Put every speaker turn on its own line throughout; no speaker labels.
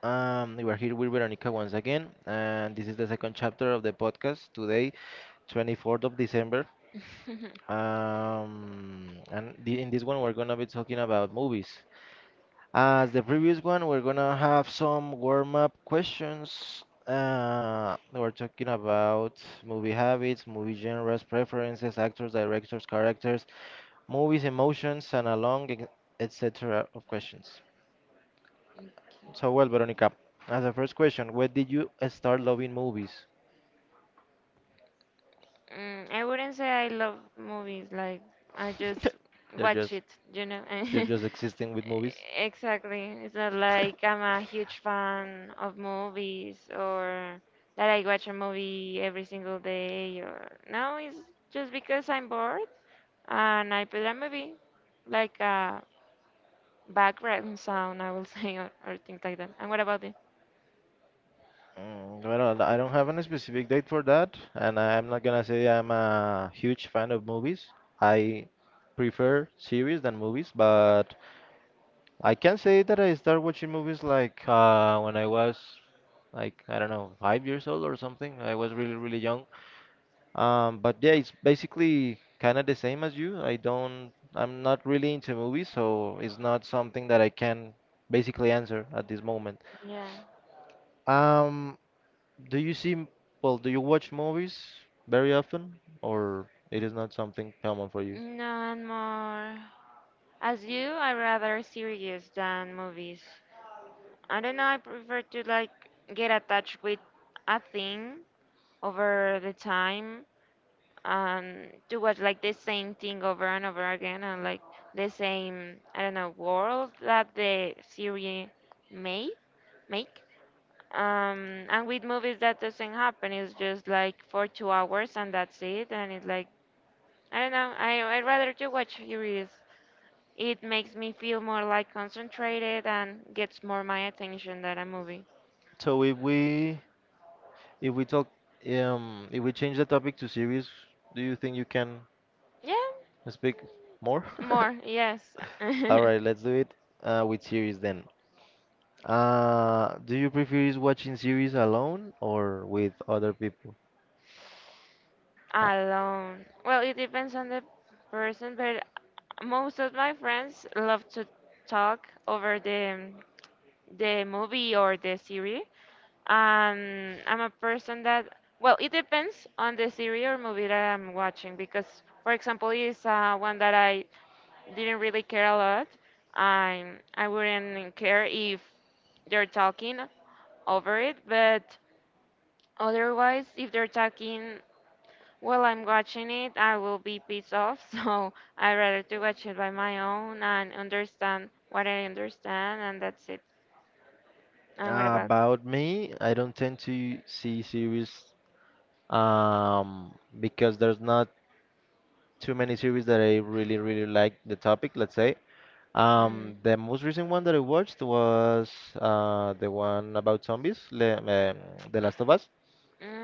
We are here with Veronica once again, and this is the second chapter of the podcast today, 24th of December.
Okay.
In this one, we're gonna be talking about movies. As the previous one, we're gonna have some warm-up questions. We're talking about movie habits, movie genres, preferences, actors, directors, characters, movies, emotions, and a long, etc. of questions. So, well, Veronica, as a first question, when did you start loving movies?
Mm, I wouldn't say I love movies. Like I just
You're
watch
just
it, you know.
you're just existing with movies.
Exactly. It's not like I'm a huge fan of movies or that I watch a movie every single day or no, it's just because I'm bored and I put a movie like a background sound, I will say, or things like that. And what about you?
Well, I don't have any specific date for that, and I'm not gonna say I'm a huge fan of movies. I prefer series than movies, but I can say that I started watching movies like when I was like I don't know five years old or something. I was really, really young. But yeah, it's basically kind of the same as you. I'm not really into movies, so it's not something that I can basically answer at this moment.
Yeah.
Um, do you do you watch movies very often, or it is not something common for you?
No, and more. As you, I rather series than movies. I don't know, I prefer to like get attached with a thing over the time and to watch like the same thing over and over again and like the same, I don't know, world that the series may make. And with movies that doesn't happen. It's just like for 2 hours and that's it. And it's like, I don't know, I rather to watch series. It makes me feel more like concentrated and gets more my attention than a movie.
So if we, if we talk, if we change the topic to series, do you think you can
Yeah,
speak more?
more, yes.
All right, let's do it with series then. Do you prefer is watching series alone or with other people?
Alone. Well, it depends on the person, but most of my friends love to talk over the movie or the series. I'm a person that well, it depends on the series or movie that I'm watching because, for example, is one that I didn't really care a lot. I wouldn't care if they're talking over it, but otherwise, if they're talking while I'm watching it, I will be pissed off. So I rather to watch it by my own and understand what I understand, and that's it. And what about?
About me, I don't tend to see series um, because there's not too many series that I really, really like the topic, let's say.
Mm.
The most recent one that I watched was the one about zombies, Le The Last of Us.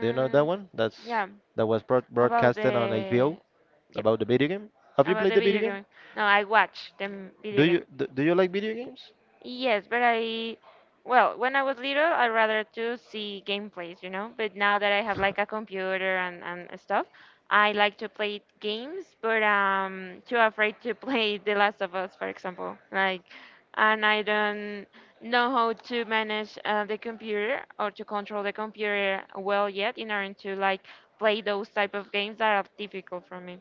Do you know that one?
yeah,
That was
about
broadcasted on
the
HBO
yep,
about the video game. Have you
about
played
the
the video
video
game?
game. No, I watch the video game.
Do you like video games?
Yes, but I, well, when I was little, I rather to see gameplays. But now that I have like a computer and stuff, I like to play games, but too afraid to play The Last of Us, for example. Like, and I don't know how to manage the computer or to control the computer well yet in order to like play those type of games that are difficult for me.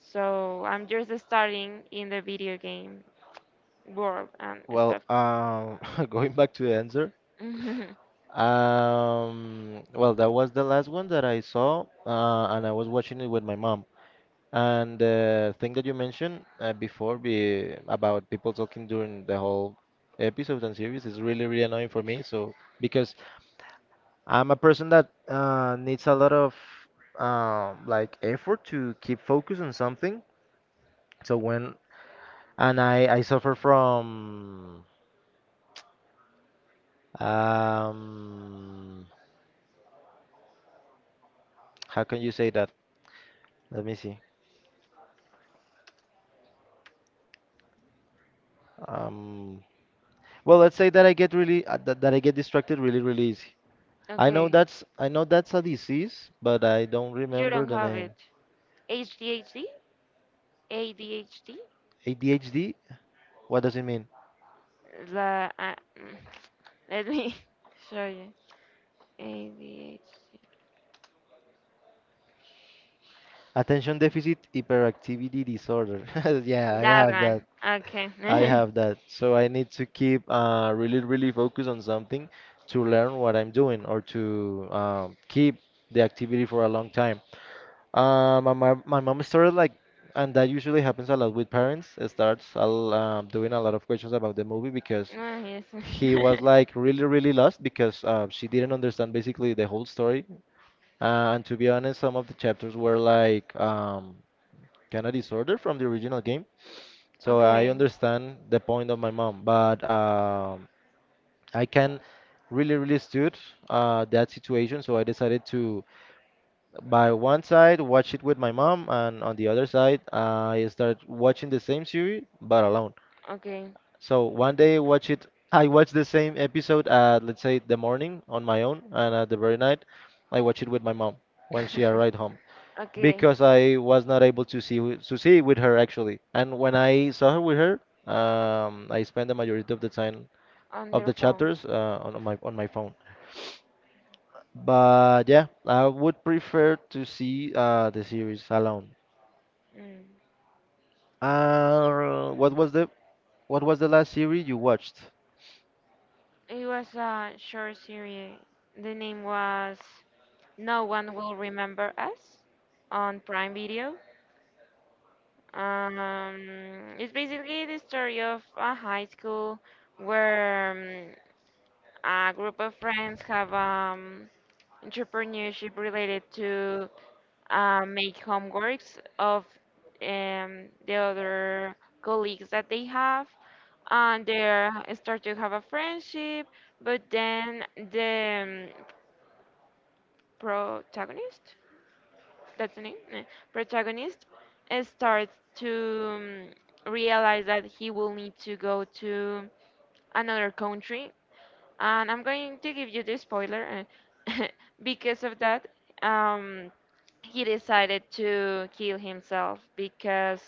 So I'm just starting in the video game world and
Well,
stuff.
going back to the answer,
Mhm.
well, that was the last one that I saw, and I was watching it with my mom. And the thing that you mentioned before be about people talking during the whole episode and series is really, really annoying for me. So because I'm a person that needs a lot of like effort to keep focus on something. So when and I suffer from um. How can you say that? Let me see. Um, well, let's say that I get really that, that I get distracted really, really easy.
Okay,
I know that's a disease, but I don't
you
remember
don't
the
have
name.
it. ADHD? ADHD?
ADHD? What does it mean?
La, uh, mm, Let me show you. ADHD.
Attention deficit hyperactivity disorder. Yeah, I
That
have that.
one.
I
Okay.
have that. So I need to keep really, really focused on something to learn what I'm doing or to keep the activity for a long time. My mom started like, and that usually happens a lot with parents. It starts doing a lot of questions about the movie because
Oh, yes.
he was like really, really lost because she didn't understand basically the whole story. And to be honest, some of the chapters were like kind of disorder from the original game. So I
Okay,
understand the point of my mom, but I can really, really stood that situation. So I decided to by one side watch it with my mom and on the other side I start watching the same series but alone.
okay.
So one day watch it I watch the same episode at let's say the morning on my own and at the very night I watch it with my mom when she arrived home
Okay,
because I was not able to to see with her actually. And when I saw her with her I spent the majority of the time
on
of
your
the
phone.
chapters on my phone. But yeah, I would prefer to see the series alone.
Mm.
Uh, what was the what was the last series you watched?
It was a short series. The name was No One Will Remember Us on Prime Video. Um, it's basically the story of a high school where a group of friends have entrepreneurship related to make homeworks of the other colleagues that they have, and they start to have a friendship. But then the protagonist, that's the name, protagonist, starts to um, realize that he will need to go to another country. And I'm going to give you the spoiler. eh, because of that, um, he decided to kill himself because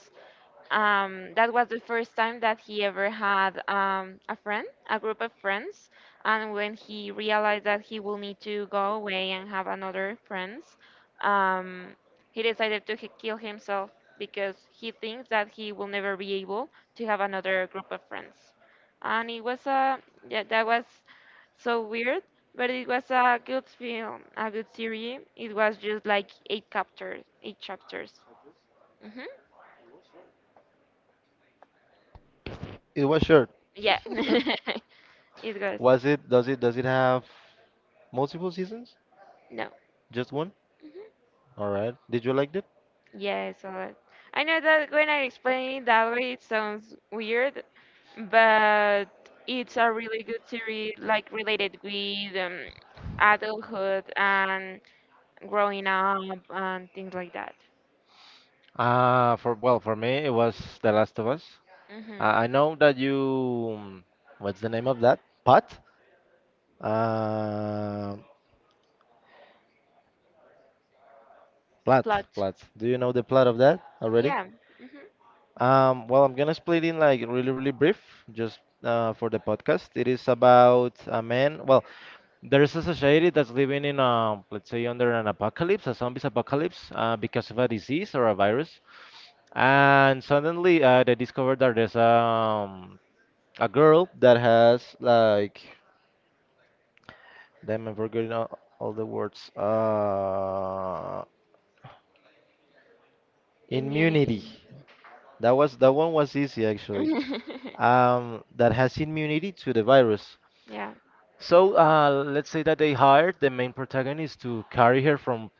that was the first time that he ever had a friend, a group of friends. And when he realized that he will need to go away and have another friends, um, he decided to kill himself because he thinks that he will never be able to have another group of friends. And it was a yeah, that was so weird, but it was a good film, a good series. It was just like eight chapters, eight chapters. Hmm.
It was short.
Yeah. It goes,
Was it? Does it? Does it have multiple seasons?
no.
Just one?
Mhm.
All right. Did you like it?
Yes, all right. I know that when I explain it that way, it sounds weird, but it's a really good series, like related with adulthood and growing up and things like that.
Ah, for well, for me it was The Last of Us.
Hmm.
I know that you. What's the name of that? Pot? Uh, Plot.
Plot.
Plot. Do you know the plot of that already?
Yeah. Hmm.
Well, I'm gonna split in like really, really brief, just for the podcast. It is about a man. Well, there's a society that's living in, let's say, under an apocalypse, a zombies apocalypse, because of a disease or a virus. And suddenly, they discovered that there's a girl that has like, damn, I'm forgetting all the words.
Immunity.
Immunity. That one was easy actually. That has immunity to the virus.
Yeah.
So let's say that they hired the main protagonist to carry her from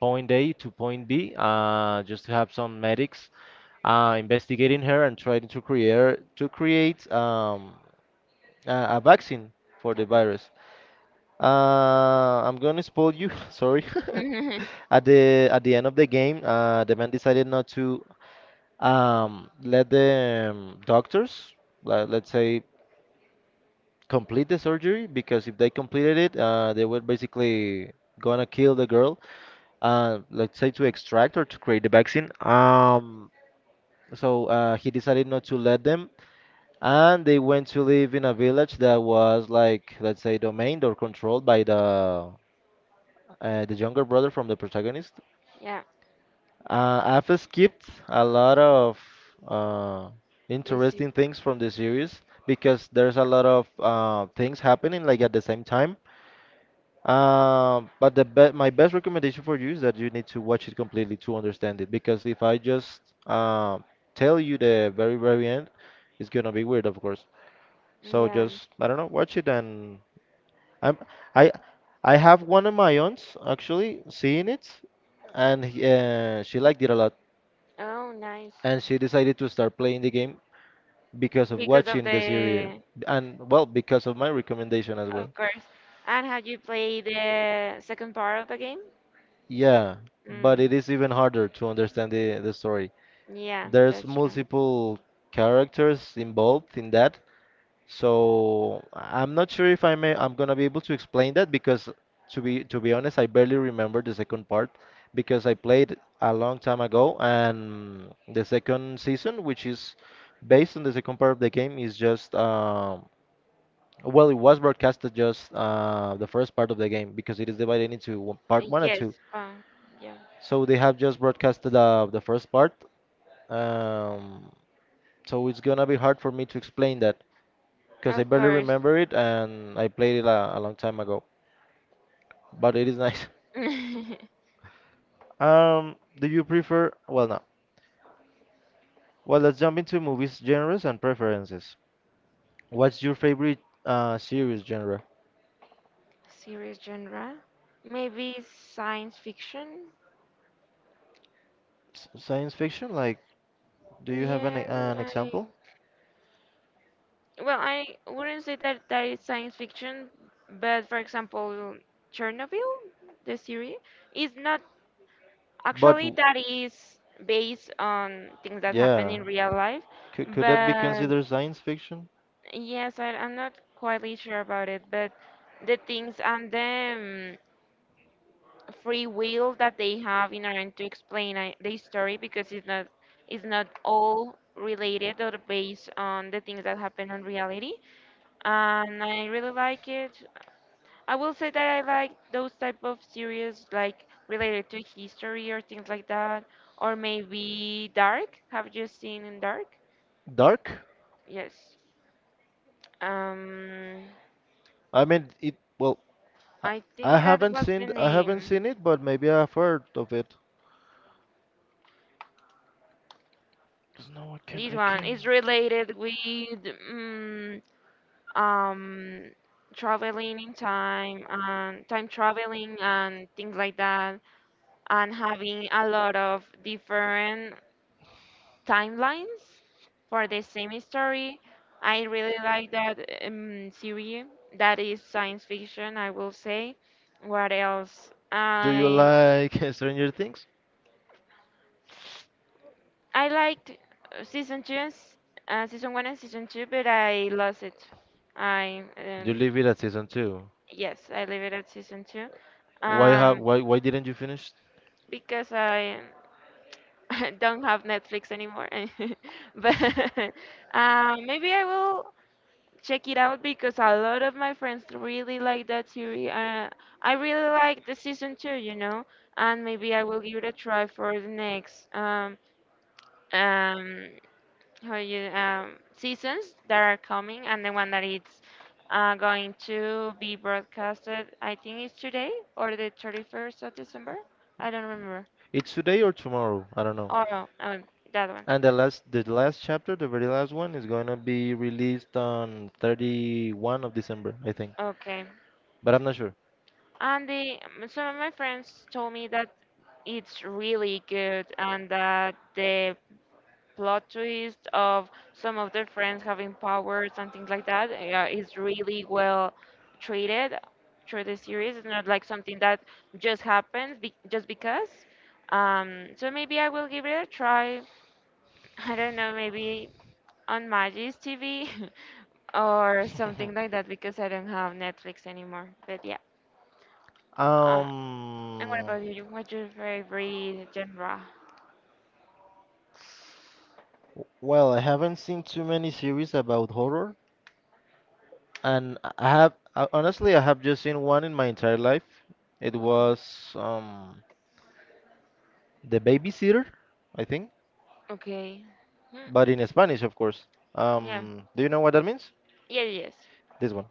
point A to point B, just to have some medics investigating her and trying to create a vaccine for the
Epic.
virus. I'm gonna spoil you. Sorry. At the end of the game, the man decided not to let the doctors, let's say, complete the surgery because if they completed it, they were basically gonna kill the girl. Let's say to extract or to create the vaccine. He decided not to let them, and they went to live in a village that was like, let's say, domained or controlled by the younger brother from the protagonist.
Yeah.
I've skipped a lot of uh,
This.
interesting things from the series because there's a lot of things happening like at the same time. But the be my best recommendation for you is that you need to watch it completely to understand it because if I just uh, tell you the very, very end, it's gonna be weird, of course. So
Yeah.
just I don't know, watch it and I'm I I have one of my aunts actually seeing it, and she liked it a lot,
Oh, nice.
and she decided to start playing the game because of
Because of
watching the series,
the
and well, because of my recommendation as well.
Of course. And have you played the second part of the game?
Yeah, but it
Mm.
is even harder to understand the story.
Yeah,
There's
that's true.
multiple characters involved in that, so I am not sure if I'm gonna be able to explain that because to be honest, I barely remember the second part because I played a long time ago and the second season, which is based on the second part of the game, is just it was broadcasted just the first part of the game because it is divided into part one and
Yes,
two.
Pong. Yeah,
So they have just broadcasted the first part. Um, so it's gonna be hard for me to explain that, because I
of
barely
course.
remember it and I played it a long time ago. But it is nice. Do you prefer? Well, no. Well, let's jump into movies genres and preferences. What's your favorite series genre?
Serious genre? Maybe science fiction?
Science fiction? Like, do you have
Yeah,
an
I,
example?
well, I wouldn't say that that is science fiction, but for example, Chernobyl, the series, is not
But
actually
w-
that is based on things that happen
yeah,
in real life,
could that be
but
considered science fiction?
yes, I'm not quite really sure about it, but the things and the free will that they have in order to explain the story because it's not all related or based on the things that happen in reality. And I really like it. I will say that I like those type of series like related to history or things like that, or maybe Dark. Have you seen in Dark?
Dark?
Yes. Um,
I mean, it. Well,
I think that was the
I haven't
name.
seen it, but maybe I've heard of it. 'Cause no, I can't.
This
I
one
can't.
is related with mm, um, traveling in time and time traveling and things like that, and having a lot of different timelines for the same story. I really like that series. That is science fiction, I will say. What else?
Do you like Stranger Things?
I liked season two, and season one and season two, but I lost it. I
You leave it at season two.
Yes, I leave it at season two.
Why have
Um,
Why didn't you finish?
because I don't have Netflix anymore. But maybe I will check it out because a lot of my friends really like that series. I really like the season two, and maybe I will give it a try for the next. Um, for you, seasons that are coming and the one that it's going to be broadcasted, I think it's today or the 31st of December, I don't remember.
It's today or tomorrow. I don't know.
Oh, no, oh, that one.
And the last chapter, the very last one, is gonna be released on 31st of December, I think.
Okay.
But I'm not sure.
And the some of my friends told me that it's really good and that the plot twist of some of their friends having powers and things like that is really well treated through the series. It's not like something that just happens just because. So maybe I will give it a try. I don't know, maybe on Maggie's TV or something like that because I don't have Netflix anymore. But yeah. Uh, and what
Um.
about you? What's your favorite genre?
Well, I haven't seen too many series about horror, and I have honestly, I have just seen one in my entire life. It
Which one?
was the babysitter, I think,
Okay. Hmm.
but in Spanish, of course.
Yeah.
Do you know what that means?
Yeah. Yes.
This one.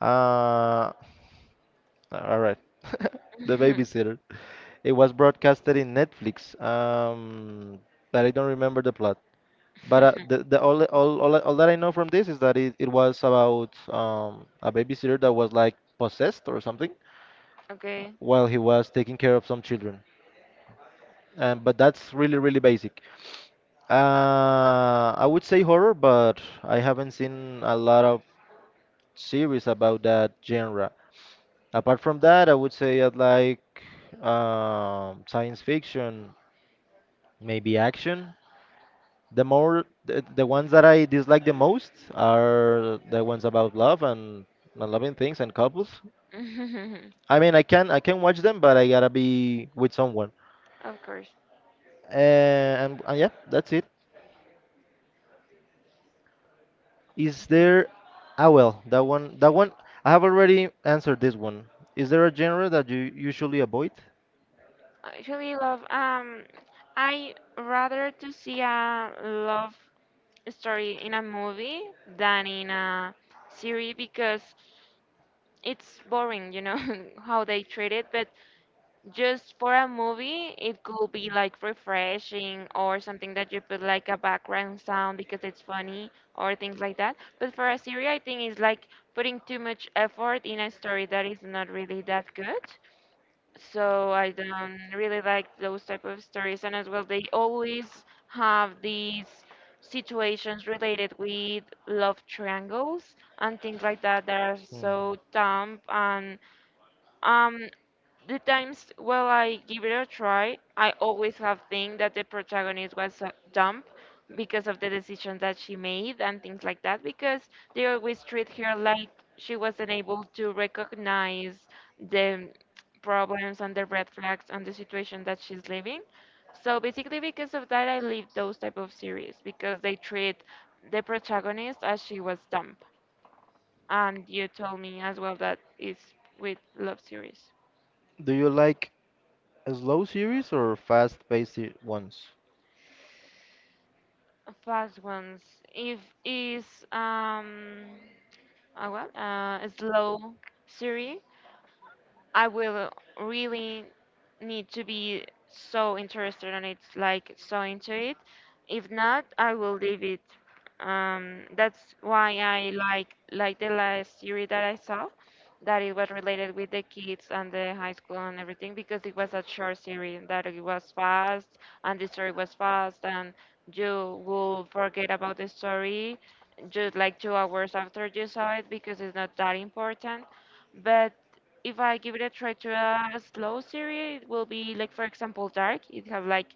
Uh, all right. The babysitter. It was broadcasted in Netflix, but I don't remember the plot. But the all that I know from this is that it was about a babysitter that was like possessed or something
Okay.
while he was taking care of some children. But that's really, really basic. I would say horror, but I haven't seen a lot of series about that genre. Apart from that, I would say I like science fiction, maybe action. The ones that I dislike the most are the ones about love and loving things and couples. I mean, I can watch them, but I gotta be with someone.
Of course.
And yeah, that's it. Is there? Ah, well, that one. That one. I have already answered this one. Is there a genre that you usually avoid?
I actually, love. I rather to see a love story in a movie than in a series because it's boring, you know, how they treat it. But just for a movie, it could be like refreshing or something that you put like a background sound because it's funny or things like that. But for a series, I think it's like putting too much effort in a story that is not really that good. So I don't really like those type of stories. And as well, they always have these situations related with love triangles and things like that that are
Hmm.
so dumb and um, the times well I give it a try, I always have think that the protagonist was dumb because of the decisions that she made and things like that because they always treat her like she wasn't able to recognize the problems and the red flags and the situation that she's living. So basically because of that I leave those type of series because they treat the protagonist as she was dumb. And you told me as well that is with love series.
Do you like slow series or ones?
Fast ones. If is um a what? A slow series. I will really need to be so interested in it, like so into it. If not, I will leave it. That's why I like the last series that I saw, that it was related with the kids and the high school and everything because it was a short series that it was fast and the story was fast and you will forget about the story just like 2 hours after you saw it because it's not that important. But if I give it a try to a slow series, it will be like for example Dark. It have like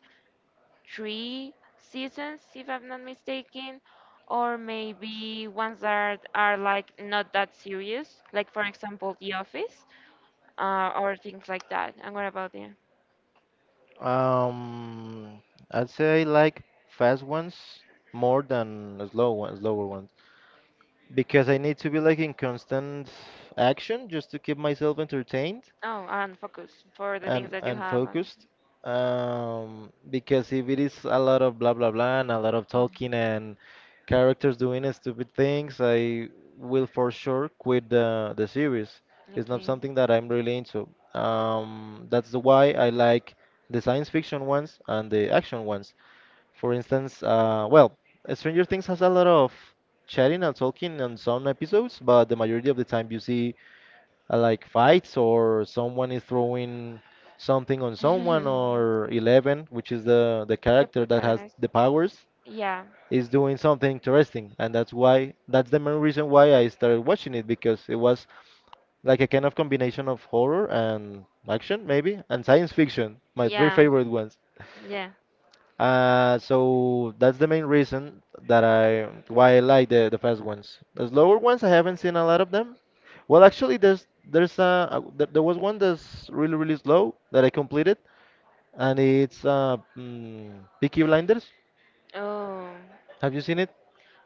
three seasons if I'm not mistaken, or maybe ones that are like not that serious, like for example The Office, or things like that. And what about the
Um, I'd say I like fast ones more than slow ones, slower ones, because I need to be like in constant action just to keep myself entertained
oh, and focus for the
and
things that you
and
have, and
focused, because if it is a lot of blah blah blah and a lot of talking and characters doing stupid things, I will for sure quit the series. It's not
okay.
something that I'm really into. That's the why I like the science fiction ones and the action ones. For instance, well, Stranger Things has a lot of chatting and talking on some episodes, but the majority of the time you see like fights or someone is throwing something on someone,
The
or 11, which is the character that has
protagonist.
the powers,
Yeah,
is doing something interesting. And that's why that's the main reason why I started watching it, because it was like a kind of combination of horror and action, maybe, and science fiction, my three
yeah,
favorite ones.
yeah.
So that's the main reason that I why I like the fast ones. The slower ones, I haven't seen a lot of them. Well, actually, there was one that's really, really slow that I completed, and it's Peaky Blinders.
Oh.
Have you seen it?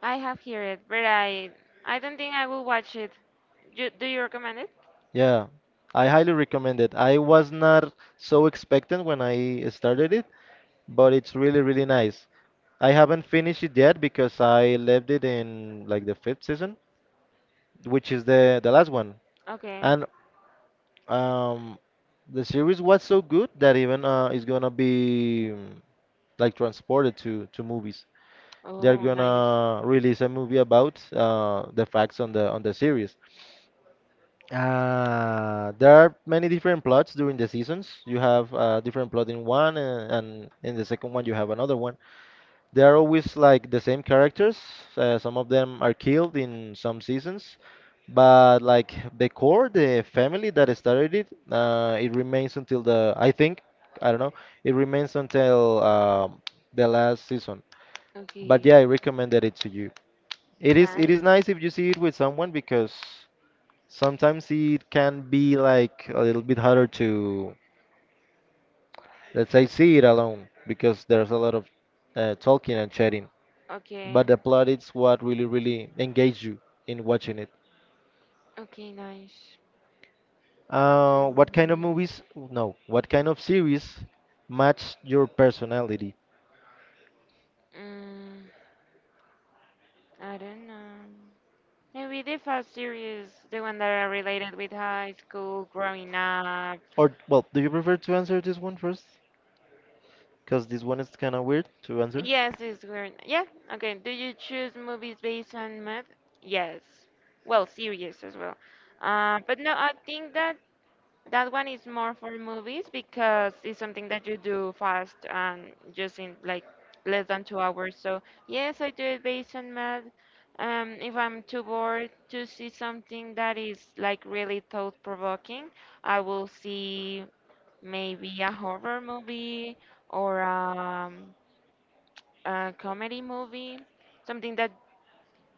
I have heard it, but I don't think I will watch it. You, do you recommend it?
Yeah, I highly recommend it. I was not so expectant when I started it, but it's really, really nice. I haven't finished it yet because I left it in like the fifth season, which is the last one.
Okay.
And Um, the series was so good that, even it's gonna be, like transported to movies. They're
Oh, nice.
gonna release a movie about the facts on the series. There are many different plots during the seasons. You have different plot in one, and in the second one you have another one. They are always like the same characters. Some of them are killed in some seasons, but like the core, the family that started it, it remains until the, I think, I don't know, it remains until, the last season. But
Okay.
yeah, I recommended it to you. It is
Nice.
nice if you see it with someone, because sometimes it can be like a little bit harder to, let's say, see it alone, because there's a lot of talking and chatting,
Okay.
but the plot is what really, really engaged you in watching it.
Okay, nice.
What kind of
Mm,
movies? No, what kind of series match your personality?
mm, I don't know. Maybe the fast series, the one that are related with high school, growing up.
Or, well, do you prefer to answer this one first? Because this one is kind of weird to answer.
Yes, it's weird. Yeah, okay. Do you choose movies based on math? Yes. Well, series as well. But no, I think that that one is more for movies because it's something that you do fast and just in like less than 2 hours. So yes, I do it based on math. If I'm too bored to see something that is like really thought provoking, I will see maybe a horror movie or a comedy movie, something that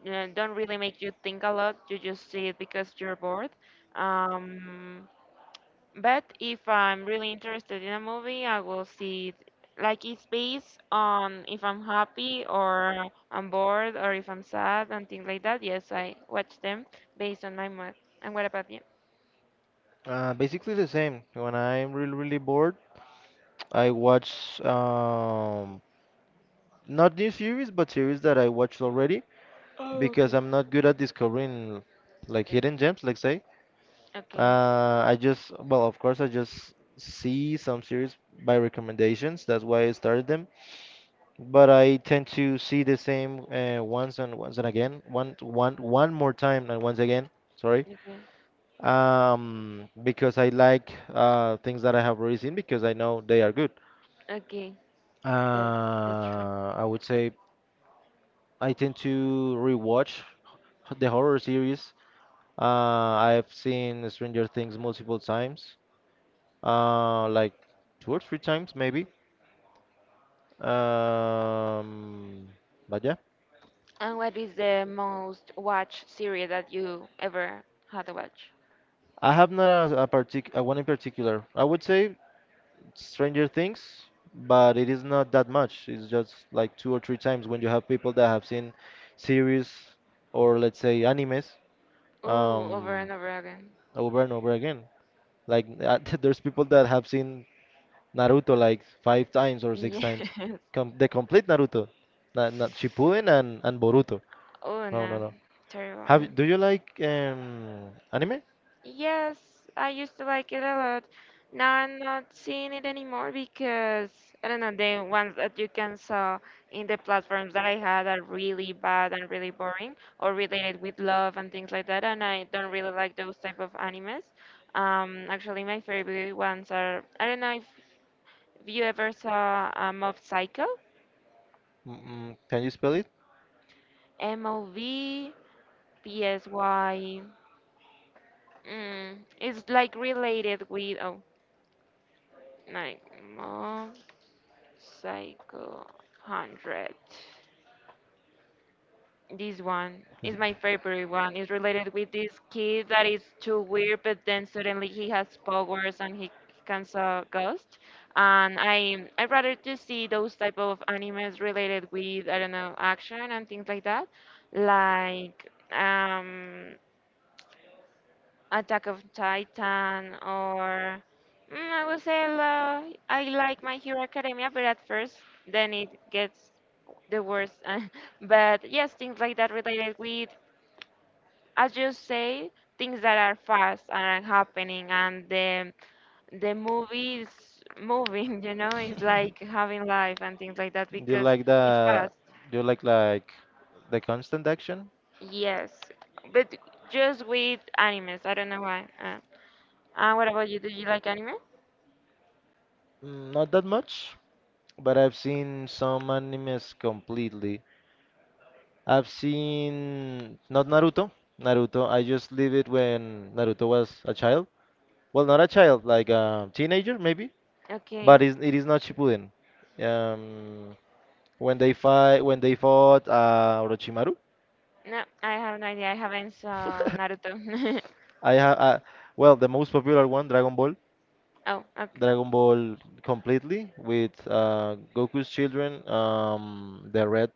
don't really make you think a lot. You just see it because you're bored. Um, but if I'm really interested in a movie, I will see it. Like it's based on if I'm happy or I'm bored or if I'm sad and things like that. Yes, I watch them based on my mood. And what about you?
Basically the same. When I'm really, really bored, I watch, not new series, but series that I watched already,
Oh,
because
okay.
I'm not good at discovering like
Mm,
hidden gems, like say.
okay,
I just, well, of course, I just see some series by recommendations. That's why I started them. But I tend to see the same once and once and again, one, one, one more time and once again. Sorry.
okay,
Because I like things that I have already seen because I know they are good.
okay. That
Uh,
that's true.
I would say I tend to rewatch the horror series. Uh, I've seen Stranger Things multiple times, like two or three times maybe. Um, but yeah,
And what is the most watched series that you ever had to watch?
I have not a, a partic a one in particular. I would say Stranger Things, but it is not that much. It's just like two or three times. When you have people that have seen series, or let's say animes,
Oh, over and
um,
over again.
over and over again. Like, there's people that have seen Naruto like five times or six
Yes.
times. Com the complete Naruto, not Shippuden and Boruto.
Oh,
No, no,
no,
no.
terrible.
Have do you like anime?
Yes, I used to like it a lot. Now I'm not seeing it anymore because I don't know, the ones that you can saw in the platforms that I had are really bad and really boring or related with love and things like that, and I don't really like those type of animes. Actually, my favorite ones are I don't know if have you ever saw a Mob Psycho?
Mm, can you spell it?
MOVPSY. It's like related with oh, like Mob Psycho 100. This one
Is it?
is my favorite one. It's related with this kid that is too weird, but then suddenly he has powers and he can saw ghosts. And I rather to see those type of animes related with I don't know action and things like that, like um Attack of Titan or I would say la I like My Hero Academia, but at first then it gets the worst. But yes, things like that related with as you say things that are fast are happening, and the movie is moving. It's like having life and things like that
Do you
because
like
it's
the,
fast.
do you like the constant action?
Yes, but just with animes. I don't know why. And what about you? Do you like anime?
Mm, not that much, but I've seen some animes completely. I've seen, not Naruto. Naruto, I just leave it when Naruto was a child. Well, not a child, like a teenager maybe. But
Okay.
it's, it is not Shippuden. Um, when they fight, when they fought Orochimaru,
No, I have no idea. I haven't saw Naruto.
I have, well, the most popular one, Dragon Ball.
Oh, okay.
Dragon Ball completely, with Goku's children,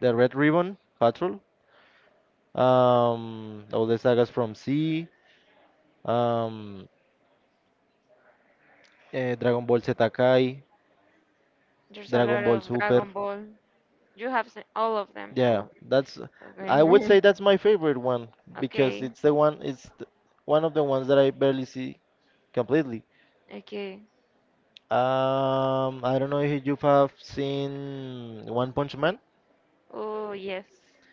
the red ribbon patrol, all the sagas from C, um, Dragon Ball Z Kai,
There's a lot
Dragon Ball
of
Super.
Dragon Ball. You have seen all of them. All
Yeah, that's,
of
I
them.
would say
Okay.
that's my favorite one, because
Okay.
it's the one, one of the ones that I barely see completely.
Okay.
I don't know if you have seen One Punch Man.
Oh, yes.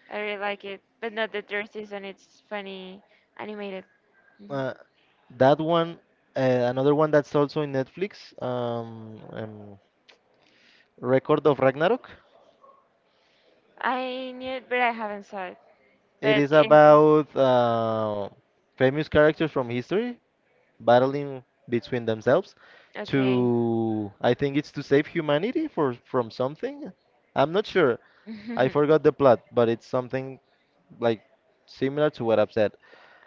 I really like it. But not the third season. It's funny animated. Mhm.
Uh, that one, uh, another one that's also in Netflix. Record of Ragnarok.
I knew it, but I haven't saw it.
It
But
is
it,
about famous characters from history battling between themselves
okay.
to, I think it's to save humanity for from something. I'm not sure. I forgot the plot, but it's something like similar to what I've said.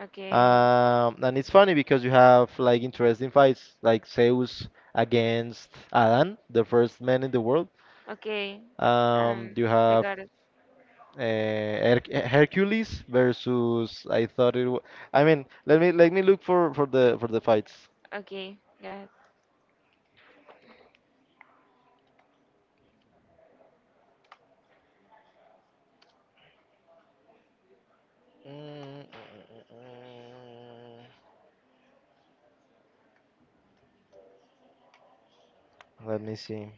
Okay.
And it's funny because you have like interesting fights, like Zeus against Adam, the first man in the world.
Okay. Um,
You
the
have,
goddess.
uh, Hercules versus, I thought it was, I mean, let me look for the fights.
Okay. Got it.
Mm, mm, mm, let me see.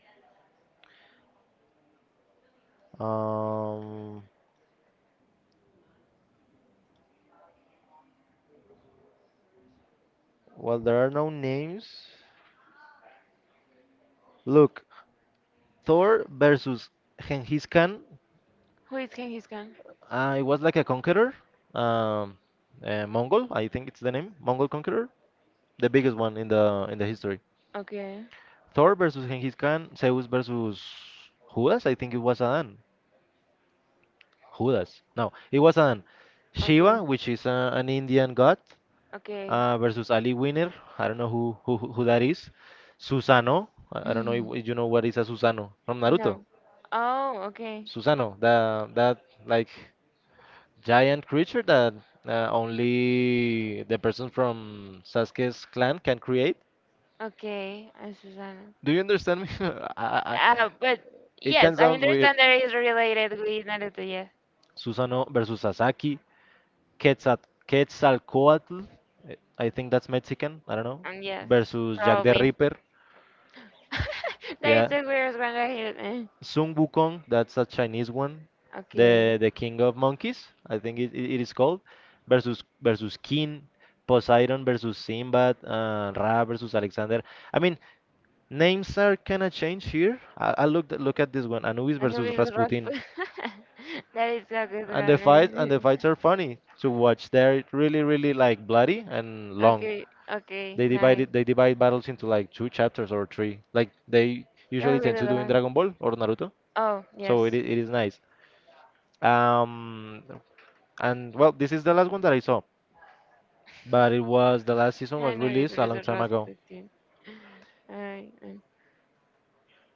Um, well, there are no names. Look, Thor versus Genghis Khan.
Who is Genghis? He's gone.
It was like a conqueror, um, Mongol, I think it's the name, Mongol conqueror, the biggest one in the history.
Okay.
Thor versus Genghis Khan. Zeus versus Judas, I think it was Adan. Judas. No, it was Adan.
Okay.
Shiva, which is an Indian god,
Okay.
versus Ali Winner. I don't know who that is. Susano. I don't know
Mm.
if you know what is a Susano from Naruto.
No. Oh, okay.
Susano, the, that like giant creature that only the person from Sasuke's clan can create.
Okay. I'm Susanna.
Do you understand me? I, I, I-
But
it
yes,
can
I
sound weird.
understand that it is related with Naruto, yes.
Susano versus Sasaki. Quetzal Quetzalcoatl. I think that's Mexican. I don't know.
And yes,
Versus Jack the
probably.
Ripper.
That is
Yeah.
the weirdest one I heard.
Sun Wukong, that's a Chinese one,
Okay.
the king of monkeys, I think it is called, versus King, Poseidon versus Sinbad, Ra versus Alexander. I mean, names are kind of changed here. I look at this one, Anubis
I know
versus
it was
Rasputin,
Rasputin. That is a good
and the
one.
fight
Eh.
and the fights are funny to watch. They're really, really like bloody and long.
Okay, okay, nice.
They divide battles into like two chapters or three, like they
You're
usually
really
tend to do in
done.
Dragon Ball or Naruto.
Oh, yes.
So it is nice. Um, and well, this is the last one that I saw, but it was, the last season was
I know it's
released a long
really
time ago.
Rasputin. I,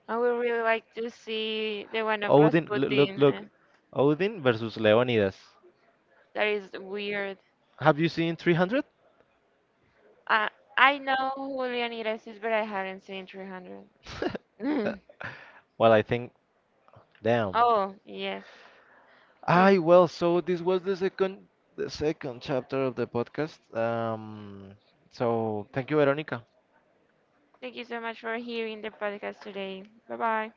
I would really like to see the one of
Odin, look,
Rasputin.
look, Odin versus Leonidas.
That is weird.
Have you seen 300?
I I know who Leonidas is, but I haven't seen 300.
Well, I think, damn.
Oh, yes. Okay.
I, well, so this was the second, the second chapter of the podcast. So thank you, Veronica.
Thank you so much for hearing the podcast today. Bye bye.